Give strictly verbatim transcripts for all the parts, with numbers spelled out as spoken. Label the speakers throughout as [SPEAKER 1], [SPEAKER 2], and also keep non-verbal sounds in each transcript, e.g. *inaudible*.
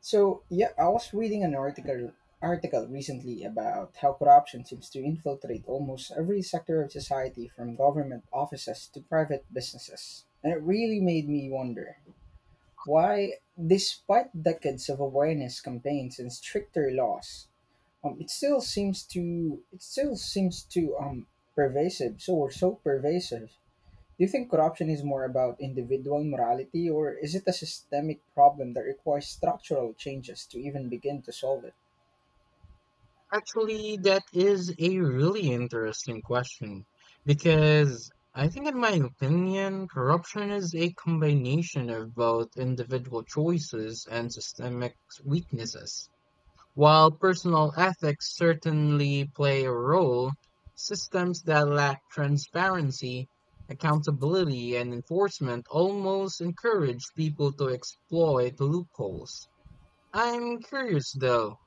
[SPEAKER 1] So yeah, I was reading an article article recently about how corruption seems to infiltrate almost every sector of society, from government offices to private businesses. And it really made me wonder why, despite decades of awareness campaigns and stricter laws, um, it still seems to it still seems to um pervasive. So or so pervasive Do you think corruption is more about individual morality, or is it a systemic problem that requires structural changes to even begin to solve it?
[SPEAKER 2] This Actually, that is a really interesting question because I think, in my opinion, corruption is a combination of both individual choices and systemic weaknesses. While personal ethics certainly play a role, systems that lack transparency, accountability, and enforcement almost encourage people to exploit loopholes. I'm curious though,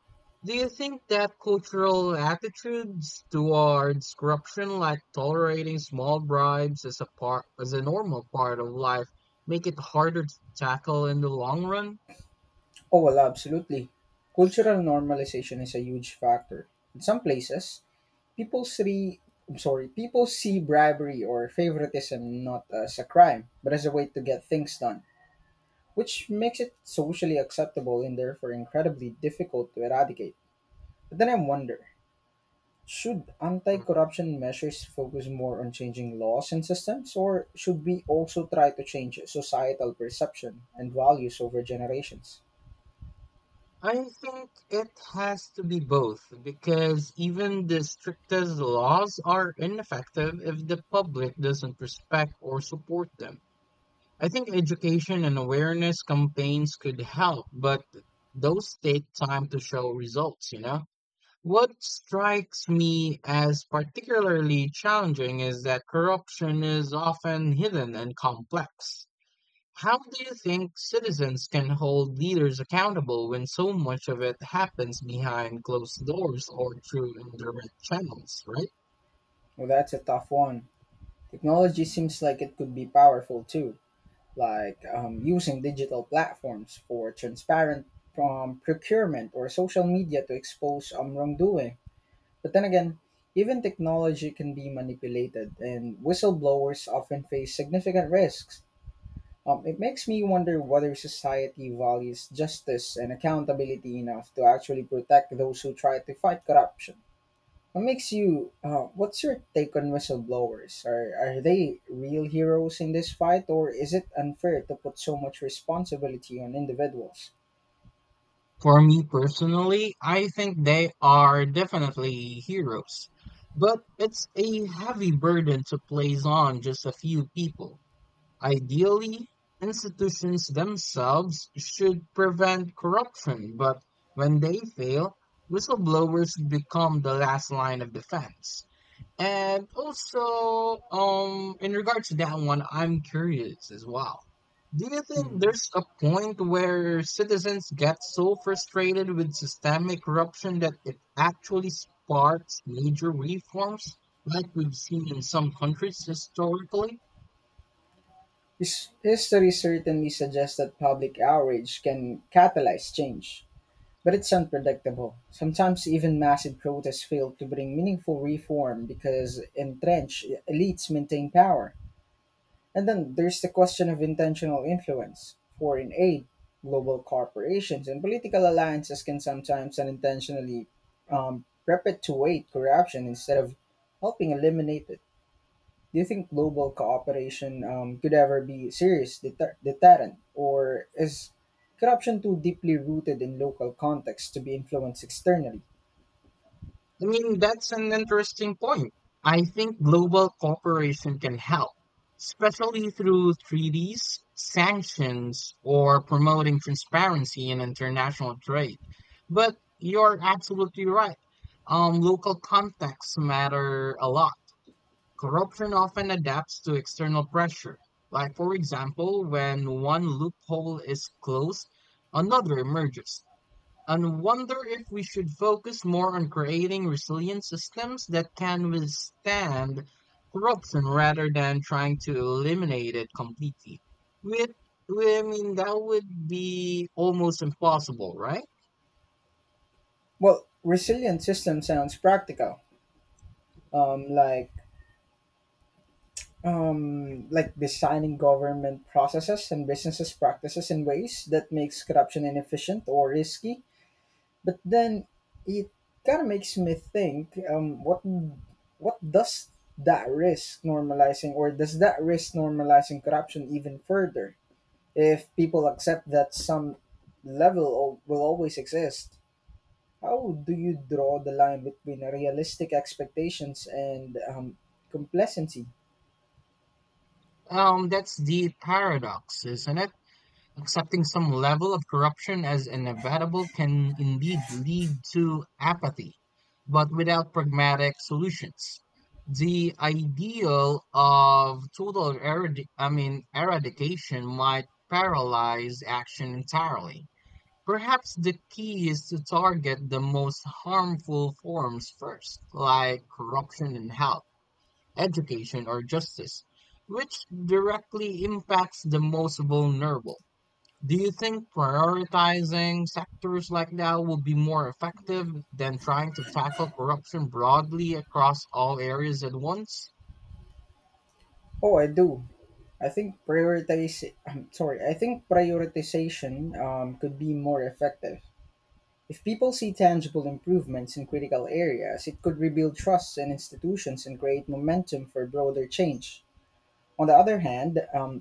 [SPEAKER 2] do you think that cultural attitudes towards corruption, like tolerating small bribes as a part as a normal part of life, make it harder to tackle in the long run?
[SPEAKER 1] Oh, well, absolutely. Cultural normalization is a huge factor. In some places, people see I'm sorry, people see bribery or favoritism not as a crime, but as a way to get things done, which makes it socially acceptable and therefore incredibly difficult to eradicate. But then I wonder, should anti corruption measures focus more on changing laws and systems, or should we also try to change societal perception and values over generations?
[SPEAKER 2] I think it has to be both because even the strictest laws are ineffective if the public doesn't respect or support them. I think education and awareness campaigns could help, but those take time to show results, you know? What strikes me as particularly challenging is that corruption is often hidden and complex. How do you think citizens can hold leaders accountable when so much of it happens behind closed doors or through indirect channels, right?
[SPEAKER 1] Well, that's a tough one. Technology seems like it could be powerful too, like um, using digital platforms for transparent um, procurement, or social media to expose um, wrongdoing. But then again, even technology can be manipulated, and whistleblowers often face significant risks. Um, it makes me wonder whether society values justice and accountability enough to actually protect those who try to fight corruption. What makes you? Uh, what's your take on whistleblowers? Are are they real heroes in this fight, or is it unfair to put so much responsibility on individuals?
[SPEAKER 2] For me personally, I think they are definitely heroes, but it's a heavy burden to place on just a few people. Ideally, institutions themselves should prevent corruption, but when they fail, whistleblowers become the last line of defense. And also, um, in regards to that one, I'm curious as well. Do you think
[SPEAKER 1] Hmm.
[SPEAKER 2] there's a point where citizens get so frustrated with systemic corruption that it actually sparks major reforms, like we've seen in some countries historically?
[SPEAKER 1] His, history certainly suggests that public outrage can catalyze change. But it's unpredictable. Sometimes even massive protests fail to bring meaningful reform because entrenched elites maintain power. And then there's the question of intentional influence. Foreign aid, global corporations, and political alliances can sometimes unintentionally um, perpetuate corruption instead of helping eliminate it. Do you think global cooperation um, could ever be serious deter- deterrent, or is corruption too deeply rooted in local contexts to be influenced externally?
[SPEAKER 2] I mean, that's an interesting point. I think global cooperation can help, especially through treaties, sanctions, or promoting transparency in international trade. But you're absolutely right. Um, local contexts matter a lot. Corruption often adapts to external pressure. Like, for example, when one loophole is closed, another emerges and wonder if we should focus more on creating resilient systems that can withstand corruption rather than trying to eliminate it completely. With, I mean, that would be almost impossible, right?
[SPEAKER 1] Well, resilient system sounds practical, um, like um, like designing government processes and businesses practices in ways that makes corruption inefficient or risky. But then it kind of makes me think, um, what what does that risk normalizing or does that risk normalizing corruption even further if people accept that some level o- will always exist? How do you draw the line between realistic expectations and um, complacency?
[SPEAKER 2] Um, that's the paradox, isn't it? Accepting some level of corruption as inevitable can indeed lead to apathy, but without pragmatic solutions. The ideal of total eradi- I mean eradication might paralyze action entirely. Perhaps the key is to target the most harmful forms first, like corruption in health, education, or justice, which directly impacts the most vulnerable. Do you think prioritizing sectors like that would be more effective than trying to tackle corruption broadly across all areas at once?
[SPEAKER 1] Oh, I do. I think prioritize i'm sorry I think prioritization um, could be more effective. If people see tangible improvements in critical areas, it could rebuild trust in institutions and create momentum for broader change. On the other hand, um,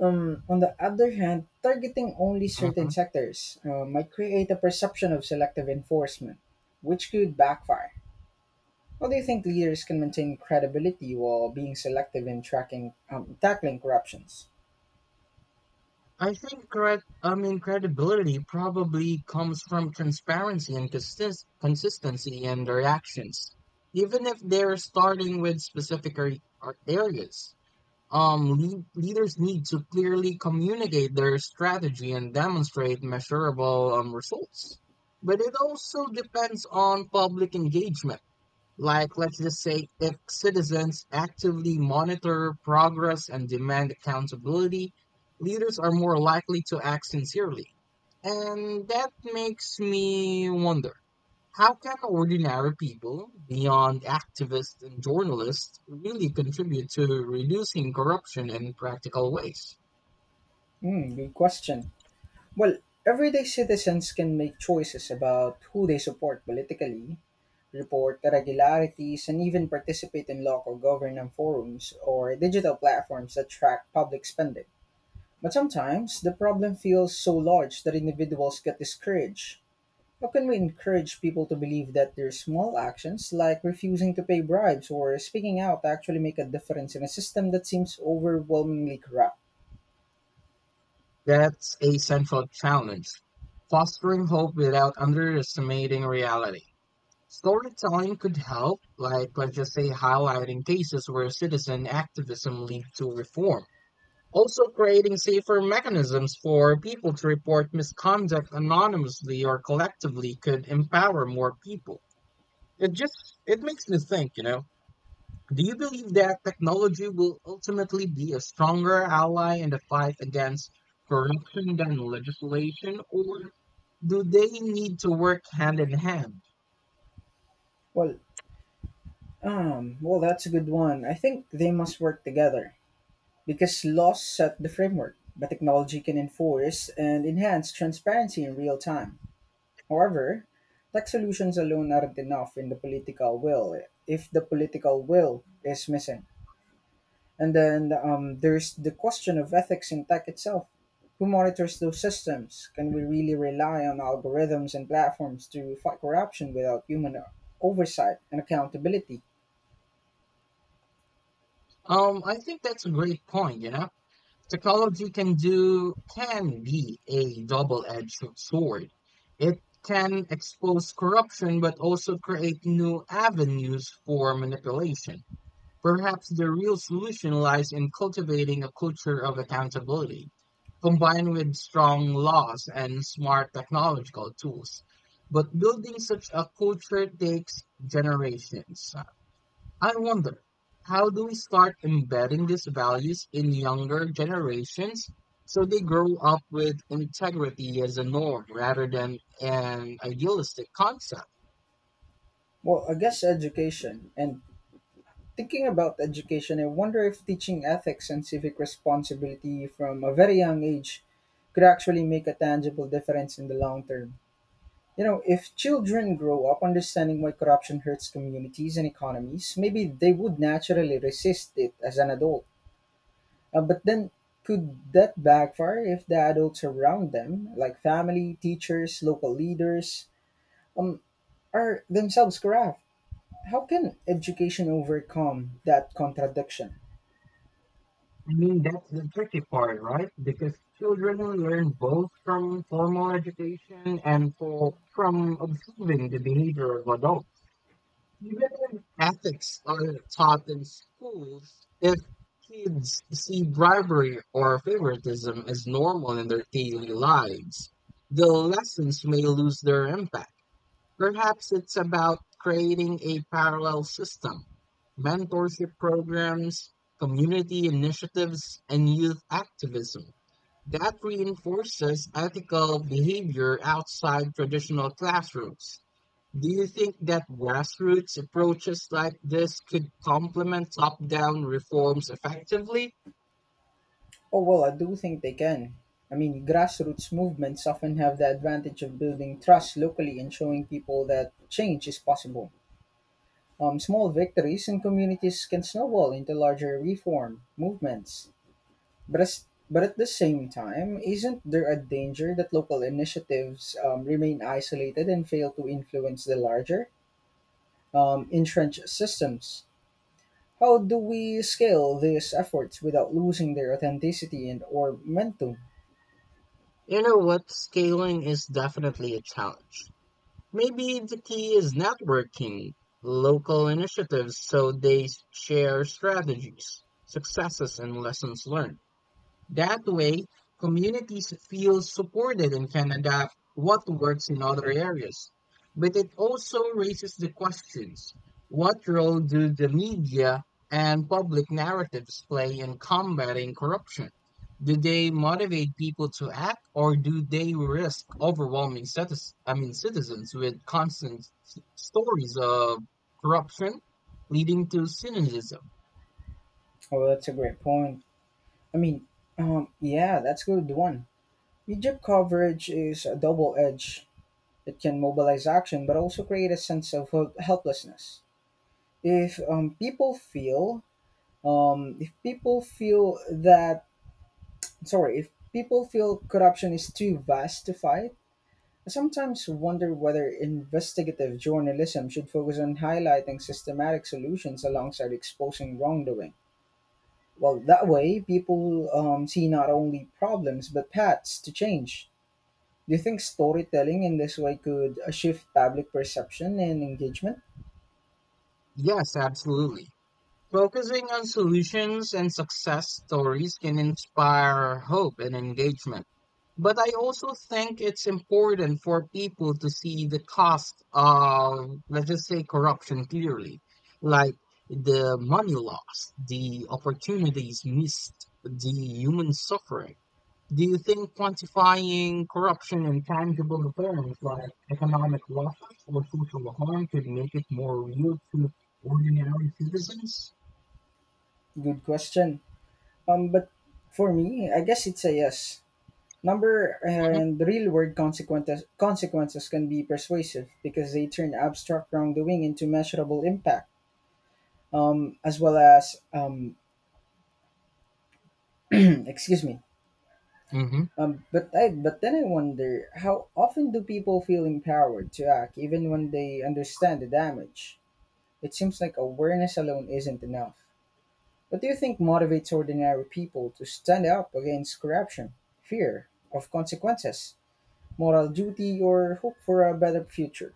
[SPEAKER 1] um, on the other hand, targeting only
[SPEAKER 2] hmm
[SPEAKER 1] certain sectors uh, might create a perception of selective enforcement, which could backfire. How do you think leaders can maintain credibility while being selective in tracking um, tackling corruptions?
[SPEAKER 2] I think cred- I mean credibility probably comes from transparency and consist- consistency in their actions, even if they're starting with specific ar- ar- areas. Um, lea- leaders need to clearly communicate their strategy and demonstrate measurable um, results. But it also depends on public engagement. Like, let's just say, if citizens actively monitor progress and demand accountability, leaders are more likely to act sincerely. And that makes me wonder, how can ordinary people, beyond activists and journalists, really contribute to reducing corruption in practical ways?
[SPEAKER 1] Hmm, good question. Well, everyday citizens can make choices about who they support politically, report irregularities, and even participate in local government forums or digital platforms that track public spending. But sometimes the problem feels so large that individuals get discouraged. How can we encourage people to believe that their small actions, like refusing to pay bribes or speaking out, actually make a difference in a system that seems overwhelmingly corrupt?
[SPEAKER 2] That's a central challenge, fostering hope without underestimating reality. Storytelling could help, like let's just say highlighting cases where citizen activism lead to reform. Also creating safer mechanisms for people to report misconduct anonymously or collectively could empower more people. It just it makes me think, you know. Do you believe that technology will ultimately be a stronger ally in the fight against corruption than legislation, or do they need to work hand in hand?
[SPEAKER 1] Well, um, well, that's a good one. I think they must work together. Because laws set the framework, but technology can enforce and enhance transparency in real time. However, tech solutions alone aren't enough in the political will if the political will is missing. And then um, there's the question of ethics in tech itself. Who monitors those systems? Can we really rely on algorithms and platforms to fight corruption without human oversight and accountability?
[SPEAKER 2] Um, I think that's a great point, you know. Technology can do can be a double-edged sword. It can expose corruption but also create new avenues for manipulation. Perhaps the real solution lies in cultivating a culture of accountability, combined with strong laws and smart technological tools. But building such a culture takes generations. I wonder, how do we start embedding these values in younger generations so they grow up with integrity as a norm rather than an idealistic concept?
[SPEAKER 1] Well, I guess education and thinking about education, I wonder if teaching ethics and civic responsibility from a very young age could actually make a tangible difference in the long term. You know, if children grow up understanding why corruption hurts communities and economies, maybe they would naturally resist it as an adult. Uh, but then, could that backfire if the adults around them, like family, teachers, local leaders, um, are themselves corrupt? How can education overcome that contradiction?
[SPEAKER 2] I mean, that's the tricky part, right? Because children learn both from formal education and for, from observing the behavior of adults. Even if ethics aren't taught in schools, if kids see bribery or favoritism as normal in their daily lives, the lessons may lose their impact. Perhaps it's about creating a parallel system, mentorship programs, community initiatives, and youth activism that reinforces ethical behavior outside traditional classrooms. Do you think that grassroots approaches like this could complement top-down reforms effectively?
[SPEAKER 1] Oh, well, I do think they can. I mean, grassroots movements often have the advantage of building trust locally and showing people that change is possible. Um, small victories in communities can snowball into larger reform movements. But, as, but at the same time, isn't there a danger that local initiatives um, remain isolated and fail to influence the larger, um, entrenched systems? How do we scale these efforts without losing their authenticity and or momentum?
[SPEAKER 2] You know what, scaling is definitely a challenge. Maybe the key is networking local initiatives so they share strategies, successes, and lessons learned. That way, communities feel supported and can adapt what works in other areas. But it also raises the questions, what role do the media and public narratives play in combating corruption? Do they motivate people to act, or do they risk overwhelming citizens, I mean, citizens with constant s- stories of corruption leading to cynicism?
[SPEAKER 1] Oh, that's a great point. I mean, um, yeah, that's good one. Egypt coverage is a double edge. It can mobilize action, but also create a sense of hel- helplessness. If um, people feel, um, if people feel that, sorry, If people feel corruption is too vast to fight, I sometimes wonder whether investigative journalism should focus on highlighting systematic solutions alongside exposing wrongdoing. Well, that way, people um, see not only problems but paths to change. Do you think storytelling in this way could uh, shift public perception and engagement?
[SPEAKER 2] Yes, absolutely. Focusing on solutions and success stories can inspire hope and engagement. But I also think it's important for people to see the cost of, let's just say, corruption clearly, like the money lost, the opportunities missed, the human suffering. Do you think quantifying corruption in tangible terms like economic losses or social harm could make it more real to ordinary citizens?
[SPEAKER 1] Good question. Um, but for me, I guess it's a yes. Number and real world consequences consequences can be persuasive because they turn abstract wrongdoing into measurable impact. Um, as well as um, *clears throat* Excuse me.
[SPEAKER 2] hmm
[SPEAKER 1] Um, but I but then I wonder, how often do people feel empowered to act even when they understand the damage? It seems like awareness alone isn't enough. What do you think motivates ordinary people to stand up against corruption? Fear of consequences, moral duty, or hope for a better future?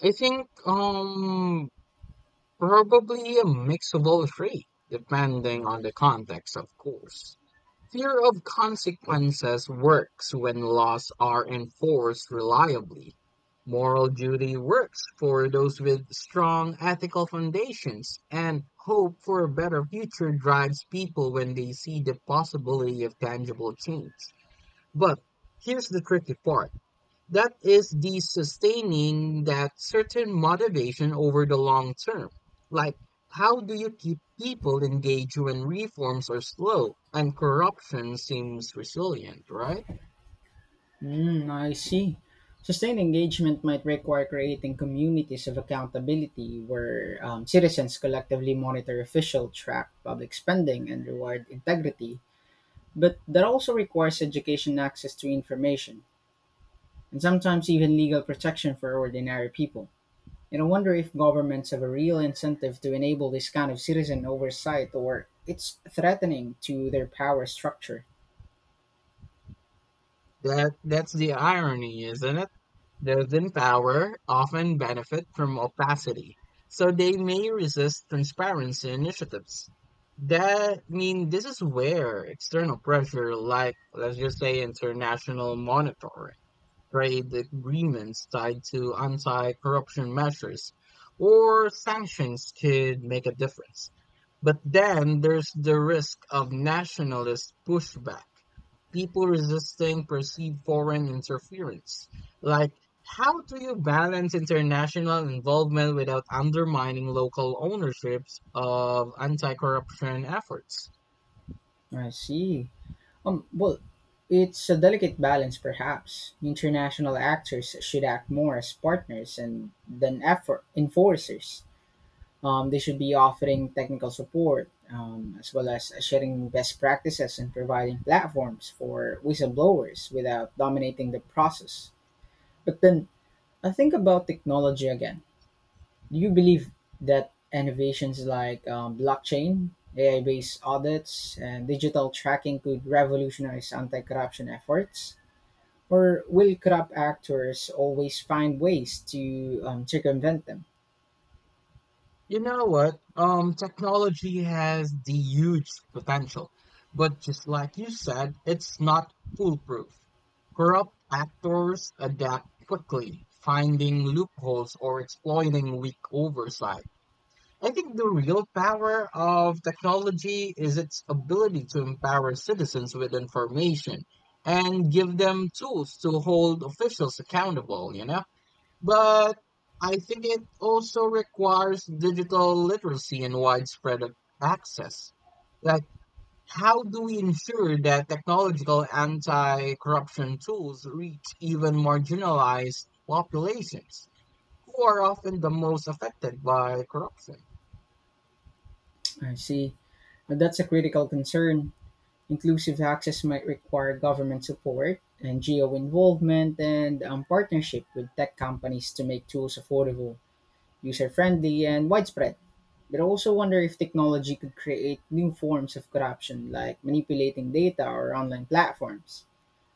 [SPEAKER 2] I think um probably a mix of all three, depending on the context, of course. Fear of consequences works when laws are enforced reliably. Moral duty works for those with strong ethical foundations, and hope for a better future drives people when they see the possibility of tangible change. But here's the tricky part. That is the sustaining that certain motivation over the long term. Like, how do you keep people engaged when reforms are slow and corruption seems resilient, right?
[SPEAKER 1] Mm, I see. Sustained engagement might require creating communities of accountability where um, citizens collectively monitor officials, track public spending, and reward integrity. But that also requires education access to information, and sometimes even legal protection for ordinary people. And I wonder if governments have a real incentive to enable this kind of citizen oversight or it's threatening to their power structure.
[SPEAKER 2] That that's the irony, isn't it? Those in power often benefit from opacity, so they may resist transparency initiatives. That I mean, this is where external pressure, like let's just say international monitoring, trade agreements tied to anti-corruption measures or sanctions could make a difference. But then there's the risk of nationalist pushback, people resisting perceived foreign interference. Like, how do you balance international involvement without undermining local ownerships of anti corruption efforts?
[SPEAKER 1] I see. Um, well, it's a delicate balance, perhaps. International actors should act more as partners and than effort enforcers. Um, they should be offering technical support um, as well as sharing best practices and providing platforms for whistleblowers without dominating the process. But then I think about technology again. Do you believe that innovations like um, blockchain, A I based audits, and digital tracking could revolutionize anti corruption efforts? Or will corrupt actors always find ways to um, circumvent them?
[SPEAKER 2] You know what? Um, technology has the huge potential, but just like you said, it's not foolproof. Corrupt actors adapt quickly, finding loopholes or exploiting weak oversight. I think the real power of technology is its ability to empower citizens with information and give them tools to hold officials accountable, you know? But I think it also requires digital literacy and widespread ac- access. Like, how do we ensure that technological anti corruption tools reach even marginalized populations who are often the most affected by corruption?
[SPEAKER 1] I see. And that's a critical concern. Inclusive access might require government support, N G O involvement, and um, partnership with tech companies to make tools affordable, user friendly, and widespread. But I also wonder if technology could create new forms of corruption, like manipulating data or online platforms.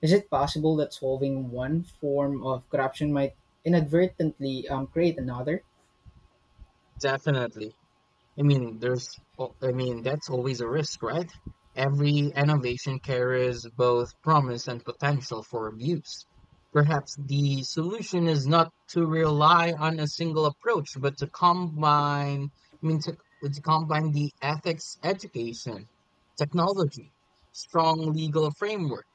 [SPEAKER 1] Is it possible that solving one form of corruption might inadvertently um, create another?
[SPEAKER 2] Definitely. I mean, there's, al- I mean, that's always a risk, right? Every innovation carries both promise and potential for abuse. Perhaps the solution is not to rely on a single approach, but to combine, I mean, to, to combine the ethics education, technology, strong legal framework,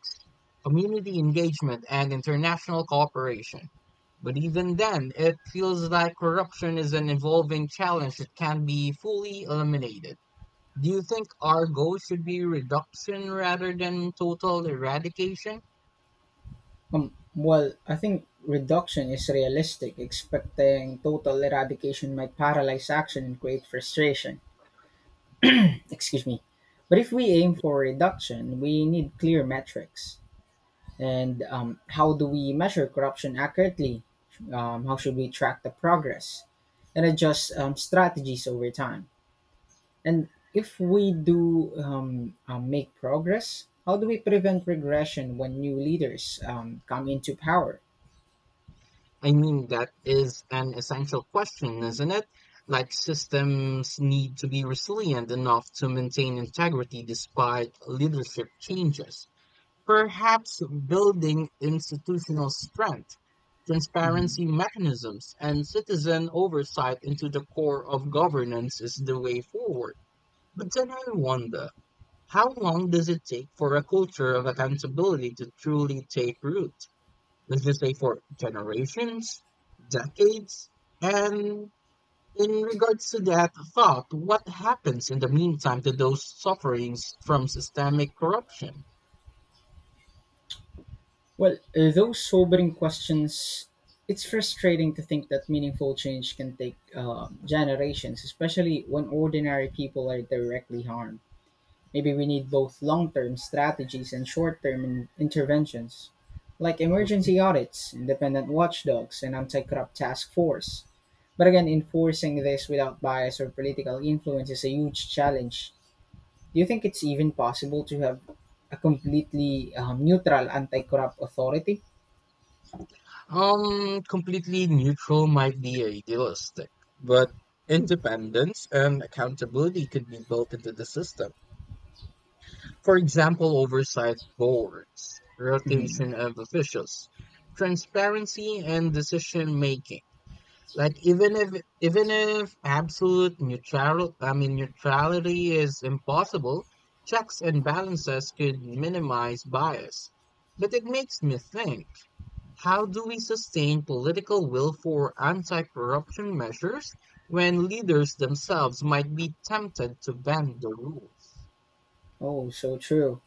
[SPEAKER 2] community engagement, and international cooperation. But even then, it feels like corruption is an evolving challenge that can be fully eliminated. Do you think our goal should be reduction rather than total eradication?
[SPEAKER 1] Um, well, I think reduction is realistic. Expecting total eradication might paralyze action and create frustration. Excuse me. But if we aim for reduction, we need clear metrics. And um, how do we measure corruption accurately? Um, how should we track the progress and adjust um, strategies over time? And if we do um, um, make progress, how do we prevent regression when new leaders um, come into power?
[SPEAKER 2] I mean, that is an essential question, isn't it? Like, systems need to be resilient enough to maintain integrity despite leadership changes. Perhaps building institutional strength,
[SPEAKER 1] Mhm.
[SPEAKER 2] transparency mechanisms, and citizen oversight into the core of governance is the way forward. But then I wonder, how long does it take for a culture of accountability to truly take root? Does this take for generations, decades? And in regards to that thought, what happens in the meantime to those suffering from systemic corruption?
[SPEAKER 1] Well, uh, those sobering questions, it's frustrating to think that meaningful change can take um generations, especially when ordinary people are directly harmed. Maybe we need both long term strategies and short term in- interventions, like emergency audits, independent watchdogs, and anti corrupt task force. But again, enforcing this without bias or political influence is a huge challenge. Do you think it's even possible to have a completely um, neutral anti corrupt authority?
[SPEAKER 2] Um, completely neutral might be idealistic, but independence and accountability could be built into the system. For example, oversight boards,
[SPEAKER 1] Mhm.
[SPEAKER 2] rotation of officials, transparency and decision making. Like, even if even if absolute neutral, I mean neutrality is impossible, checks and balances could minimize bias. But it makes me think. How do we sustain political will for anti corruption measures when leaders themselves might be tempted to bend the rules?
[SPEAKER 1] Oh, so true.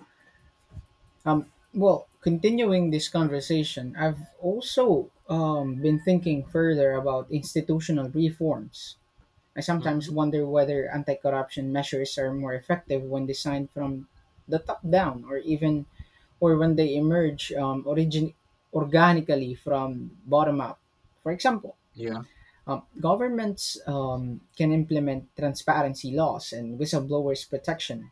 [SPEAKER 1] Um, well, continuing this conversation, I've also um, been thinking further about institutional reforms. I sometimes
[SPEAKER 2] Hmm.
[SPEAKER 1] wonder whether anti corruption measures are more effective when designed from the top down, or even or when they emerge um, origin- organically from bottom up. For example,
[SPEAKER 2] Yeah.
[SPEAKER 1] um, governments um, can implement transparency laws and whistleblowers' protection.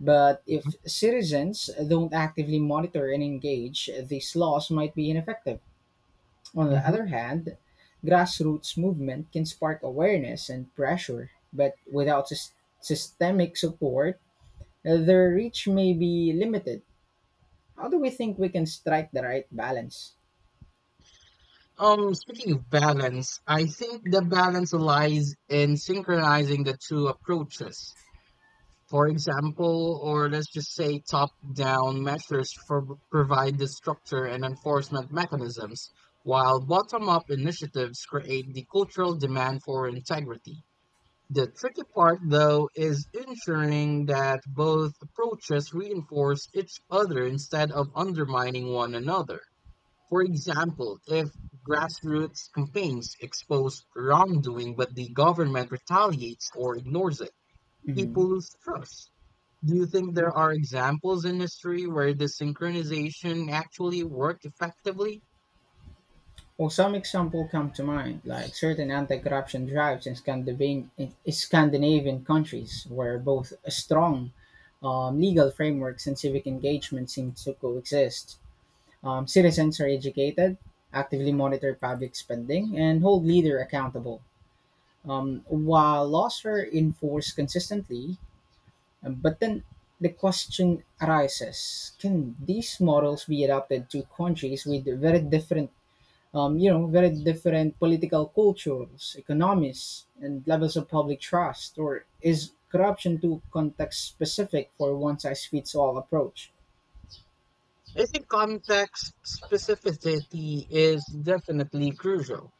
[SPEAKER 1] But
[SPEAKER 2] Hmm.
[SPEAKER 1] if citizens don't actively monitor and engage, these laws might be ineffective. On the
[SPEAKER 2] Hmm.
[SPEAKER 1] other hand, grassroots movement can spark awareness and pressure, but without sys- systemic support, uh, their reach may be limited. How do we think we can strike the right balance?
[SPEAKER 2] Um, speaking of balance, I think the balance lies in synchronizing the two approaches. For example, or let's just say top down measures for, provide the structure and enforcement mechanisms, while bottom up initiatives create the cultural demand for integrity. The tricky part, though, is ensuring that both approaches reinforce each other instead of undermining one another. For example, if grassroots campaigns expose wrongdoing but the government retaliates or ignores it,
[SPEAKER 1] Mhm.
[SPEAKER 2] people lose trust. Do you think there are examples in history where the synchronization actually worked effectively?
[SPEAKER 1] Well, some example come to mind, like certain anti-corruption drives in Scandinavian, in Scandinavian countries, where both a strong um, legal frameworks and civic engagement seem to coexist. Um, citizens are educated, actively monitor public spending, and hold leader accountable. Um, while laws are enforced consistently, um, but then the question arises: can these models be adapted to countries with very different, um, you know, very different political cultures, economies, and levels of public trust, or is corruption too context specific for one size fits all approach?
[SPEAKER 2] I think context specificity is definitely crucial.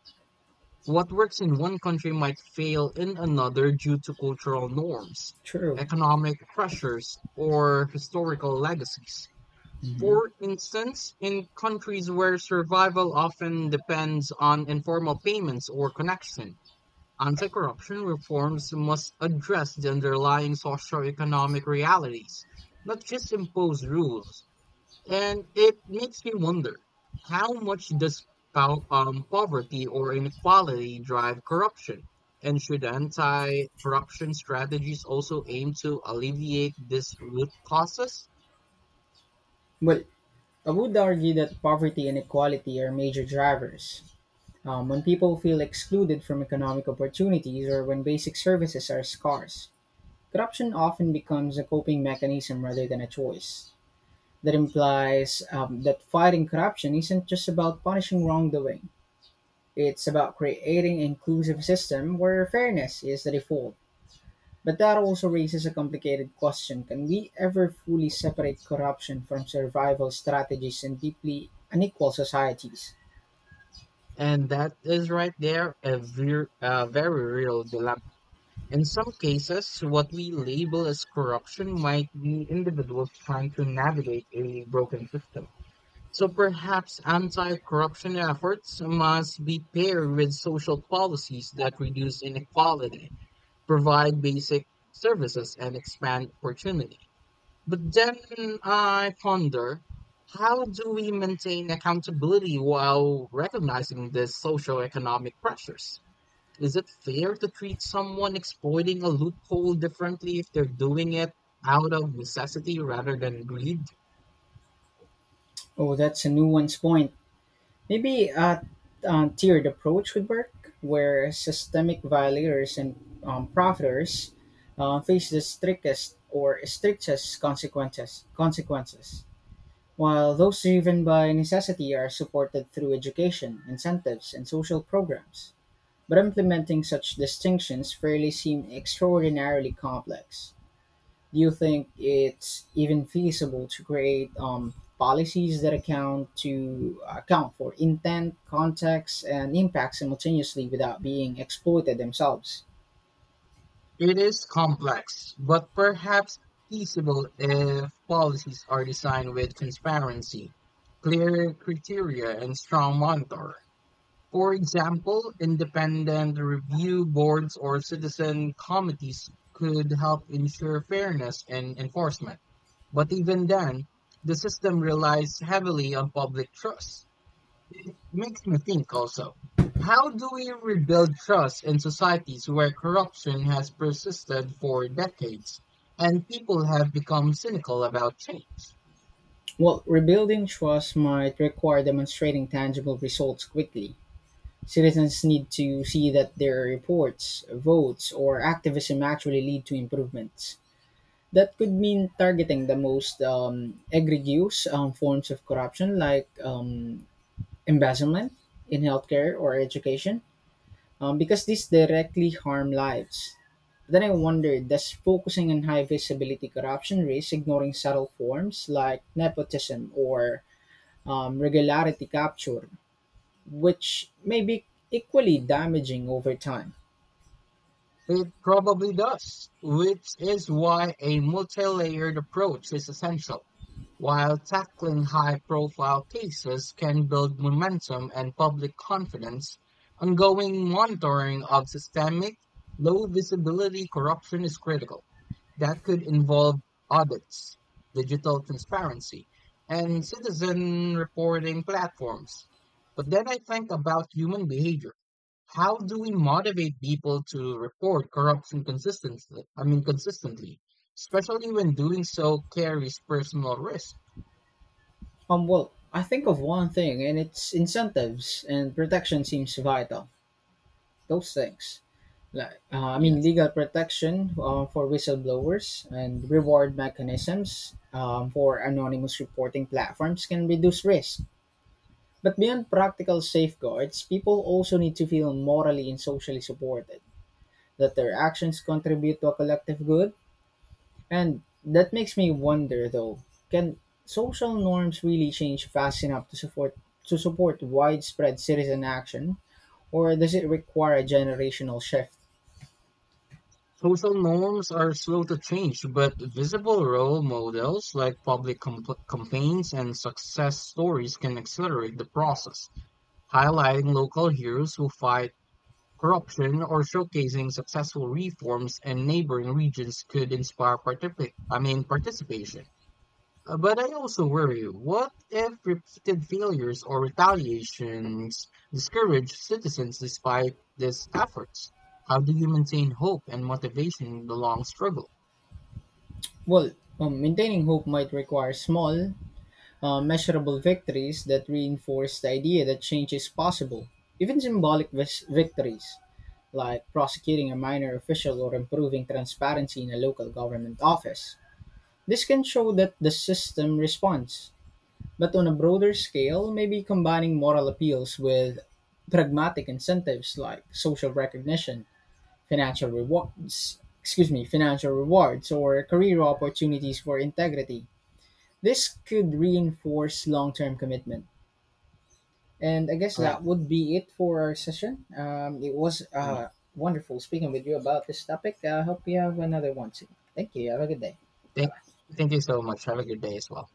[SPEAKER 2] What works in one country might fail in another due to cultural norms,
[SPEAKER 1] True.
[SPEAKER 2] economic pressures, or historical legacies.
[SPEAKER 1] Mhm.
[SPEAKER 2] For instance, in countries where survival often depends on informal payments or connection, anti corruption reforms must address the underlying socioeconomic realities, not just impose rules. And it makes me wonder, how much does pow- um, poverty or inequality drive corruption? And should anti corruption strategies also aim to alleviate this root causes?
[SPEAKER 1] Well, I would argue that poverty and inequality are major drivers. Um, when people feel excluded from economic opportunities or when basic services are scarce, corruption often becomes a coping mechanism rather than a choice. That implies um, that fighting corruption isn't just about punishing wrongdoing. It's about creating an inclusive system where fairness is the default. But that also raises a complicated question. Can we ever fully separate corruption from survival strategies in deeply unequal societies?
[SPEAKER 2] And that is right there a ver- a very real dilemma. In some cases, what we label as corruption might be individuals trying to navigate a broken system. So perhaps anti-corruption efforts must be paired with social policies that reduce inequality, provide basic services, and expand opportunity. But then I ponder, how do we maintain accountability while recognizing the socio-economic pressures? Is it fair to treat someone exploiting a loophole differently if they're doing it out of necessity rather than greed?
[SPEAKER 1] Oh, that's a nuanced point. Maybe a um, tiered approach would work, where systemic violators and um, profiteers uh, face the strictest or strictest consequences. Consequences, while those driven by necessity are supported through education, incentives, and social programs. But implementing such distinctions fairly seem extraordinarily complex. Do you think it's even feasible to create um, policies that account to uh, account for intent, context, and impact simultaneously without being exploited themselves?
[SPEAKER 2] It is complex, but perhaps feasible if policies are designed with transparency, clear criteria, and strong monitor. For example, independent review boards or citizen committees could help ensure fairness in enforcement. But even then, the system relies heavily on public trust. It makes me think also, how do we rebuild trust in societies where corruption has persisted for decades and people have become cynical about change?
[SPEAKER 1] Well, rebuilding trust might require demonstrating tangible results quickly. Citizens need to see that their reports, votes, or activism actually lead to improvements. That could mean targeting the most um, egregious um, forms of corruption, like um, embezzlement in healthcare or education, um, because these directly harm lives. Then I wonder, does focusing on high visibility corruption risk ignoring subtle forms like nepotism or um, regularity capture, which may be equally damaging over time?
[SPEAKER 2] It probably does, which is why a multi layered approach is essential. While tackling high-profile cases can build momentum and public confidence, ongoing monitoring of systemic, low-visibility corruption is critical. That could involve audits, digital transparency, and citizen reporting platforms. But then I think about human behavior. How do we motivate people to report corruption consistently? I mean, consistently, especially when doing so carries personal risk.
[SPEAKER 1] Um, well, I think of one thing, and it's incentives, and protection seems vital. Those things. Like, uh, I mean,
[SPEAKER 2] Yes.
[SPEAKER 1] legal protection uh, for whistleblowers and reward mechanisms um, for anonymous reporting platforms can reduce risk. But beyond practical safeguards, people also need to feel morally and socially supported, that their actions contribute to a collective good. And that makes me wonder, though, can social norms really change fast enough to support to support widespread citizen action, or does it require a generational shift?
[SPEAKER 2] Social norms are slow to change, but visible role models like public compl campaigns and success stories can accelerate the process, highlighting local heroes who fight corruption or showcasing successful reforms in neighboring regions could inspire particip I mean participation. Uh, But I also worry, what if repeated failures or retaliations discourage citizens despite these efforts? How do you maintain hope and motivation in the long struggle?
[SPEAKER 1] Well, um, maintaining hope might require small, uh, measurable victories that reinforce the idea that change is possible. Even symbolic vis- victories, like prosecuting a minor official or improving transparency in a local government office. This can show that the system responds. But on a broader scale, maybe combining moral appeals with pragmatic incentives, like social recognition, financial rewards, excuse me, financial rewards, or career opportunities for integrity, this could reinforce long term commitment. And I guess
[SPEAKER 2] Uh,
[SPEAKER 1] that would be it for our session. Um, it was
[SPEAKER 2] mm,
[SPEAKER 1] uh, wonderful speaking with you about this topic. I hope you have another one soon. Thank you. Have a good day. Bye
[SPEAKER 2] thank,
[SPEAKER 1] bye.
[SPEAKER 2] thank you so much. Have a good day as well.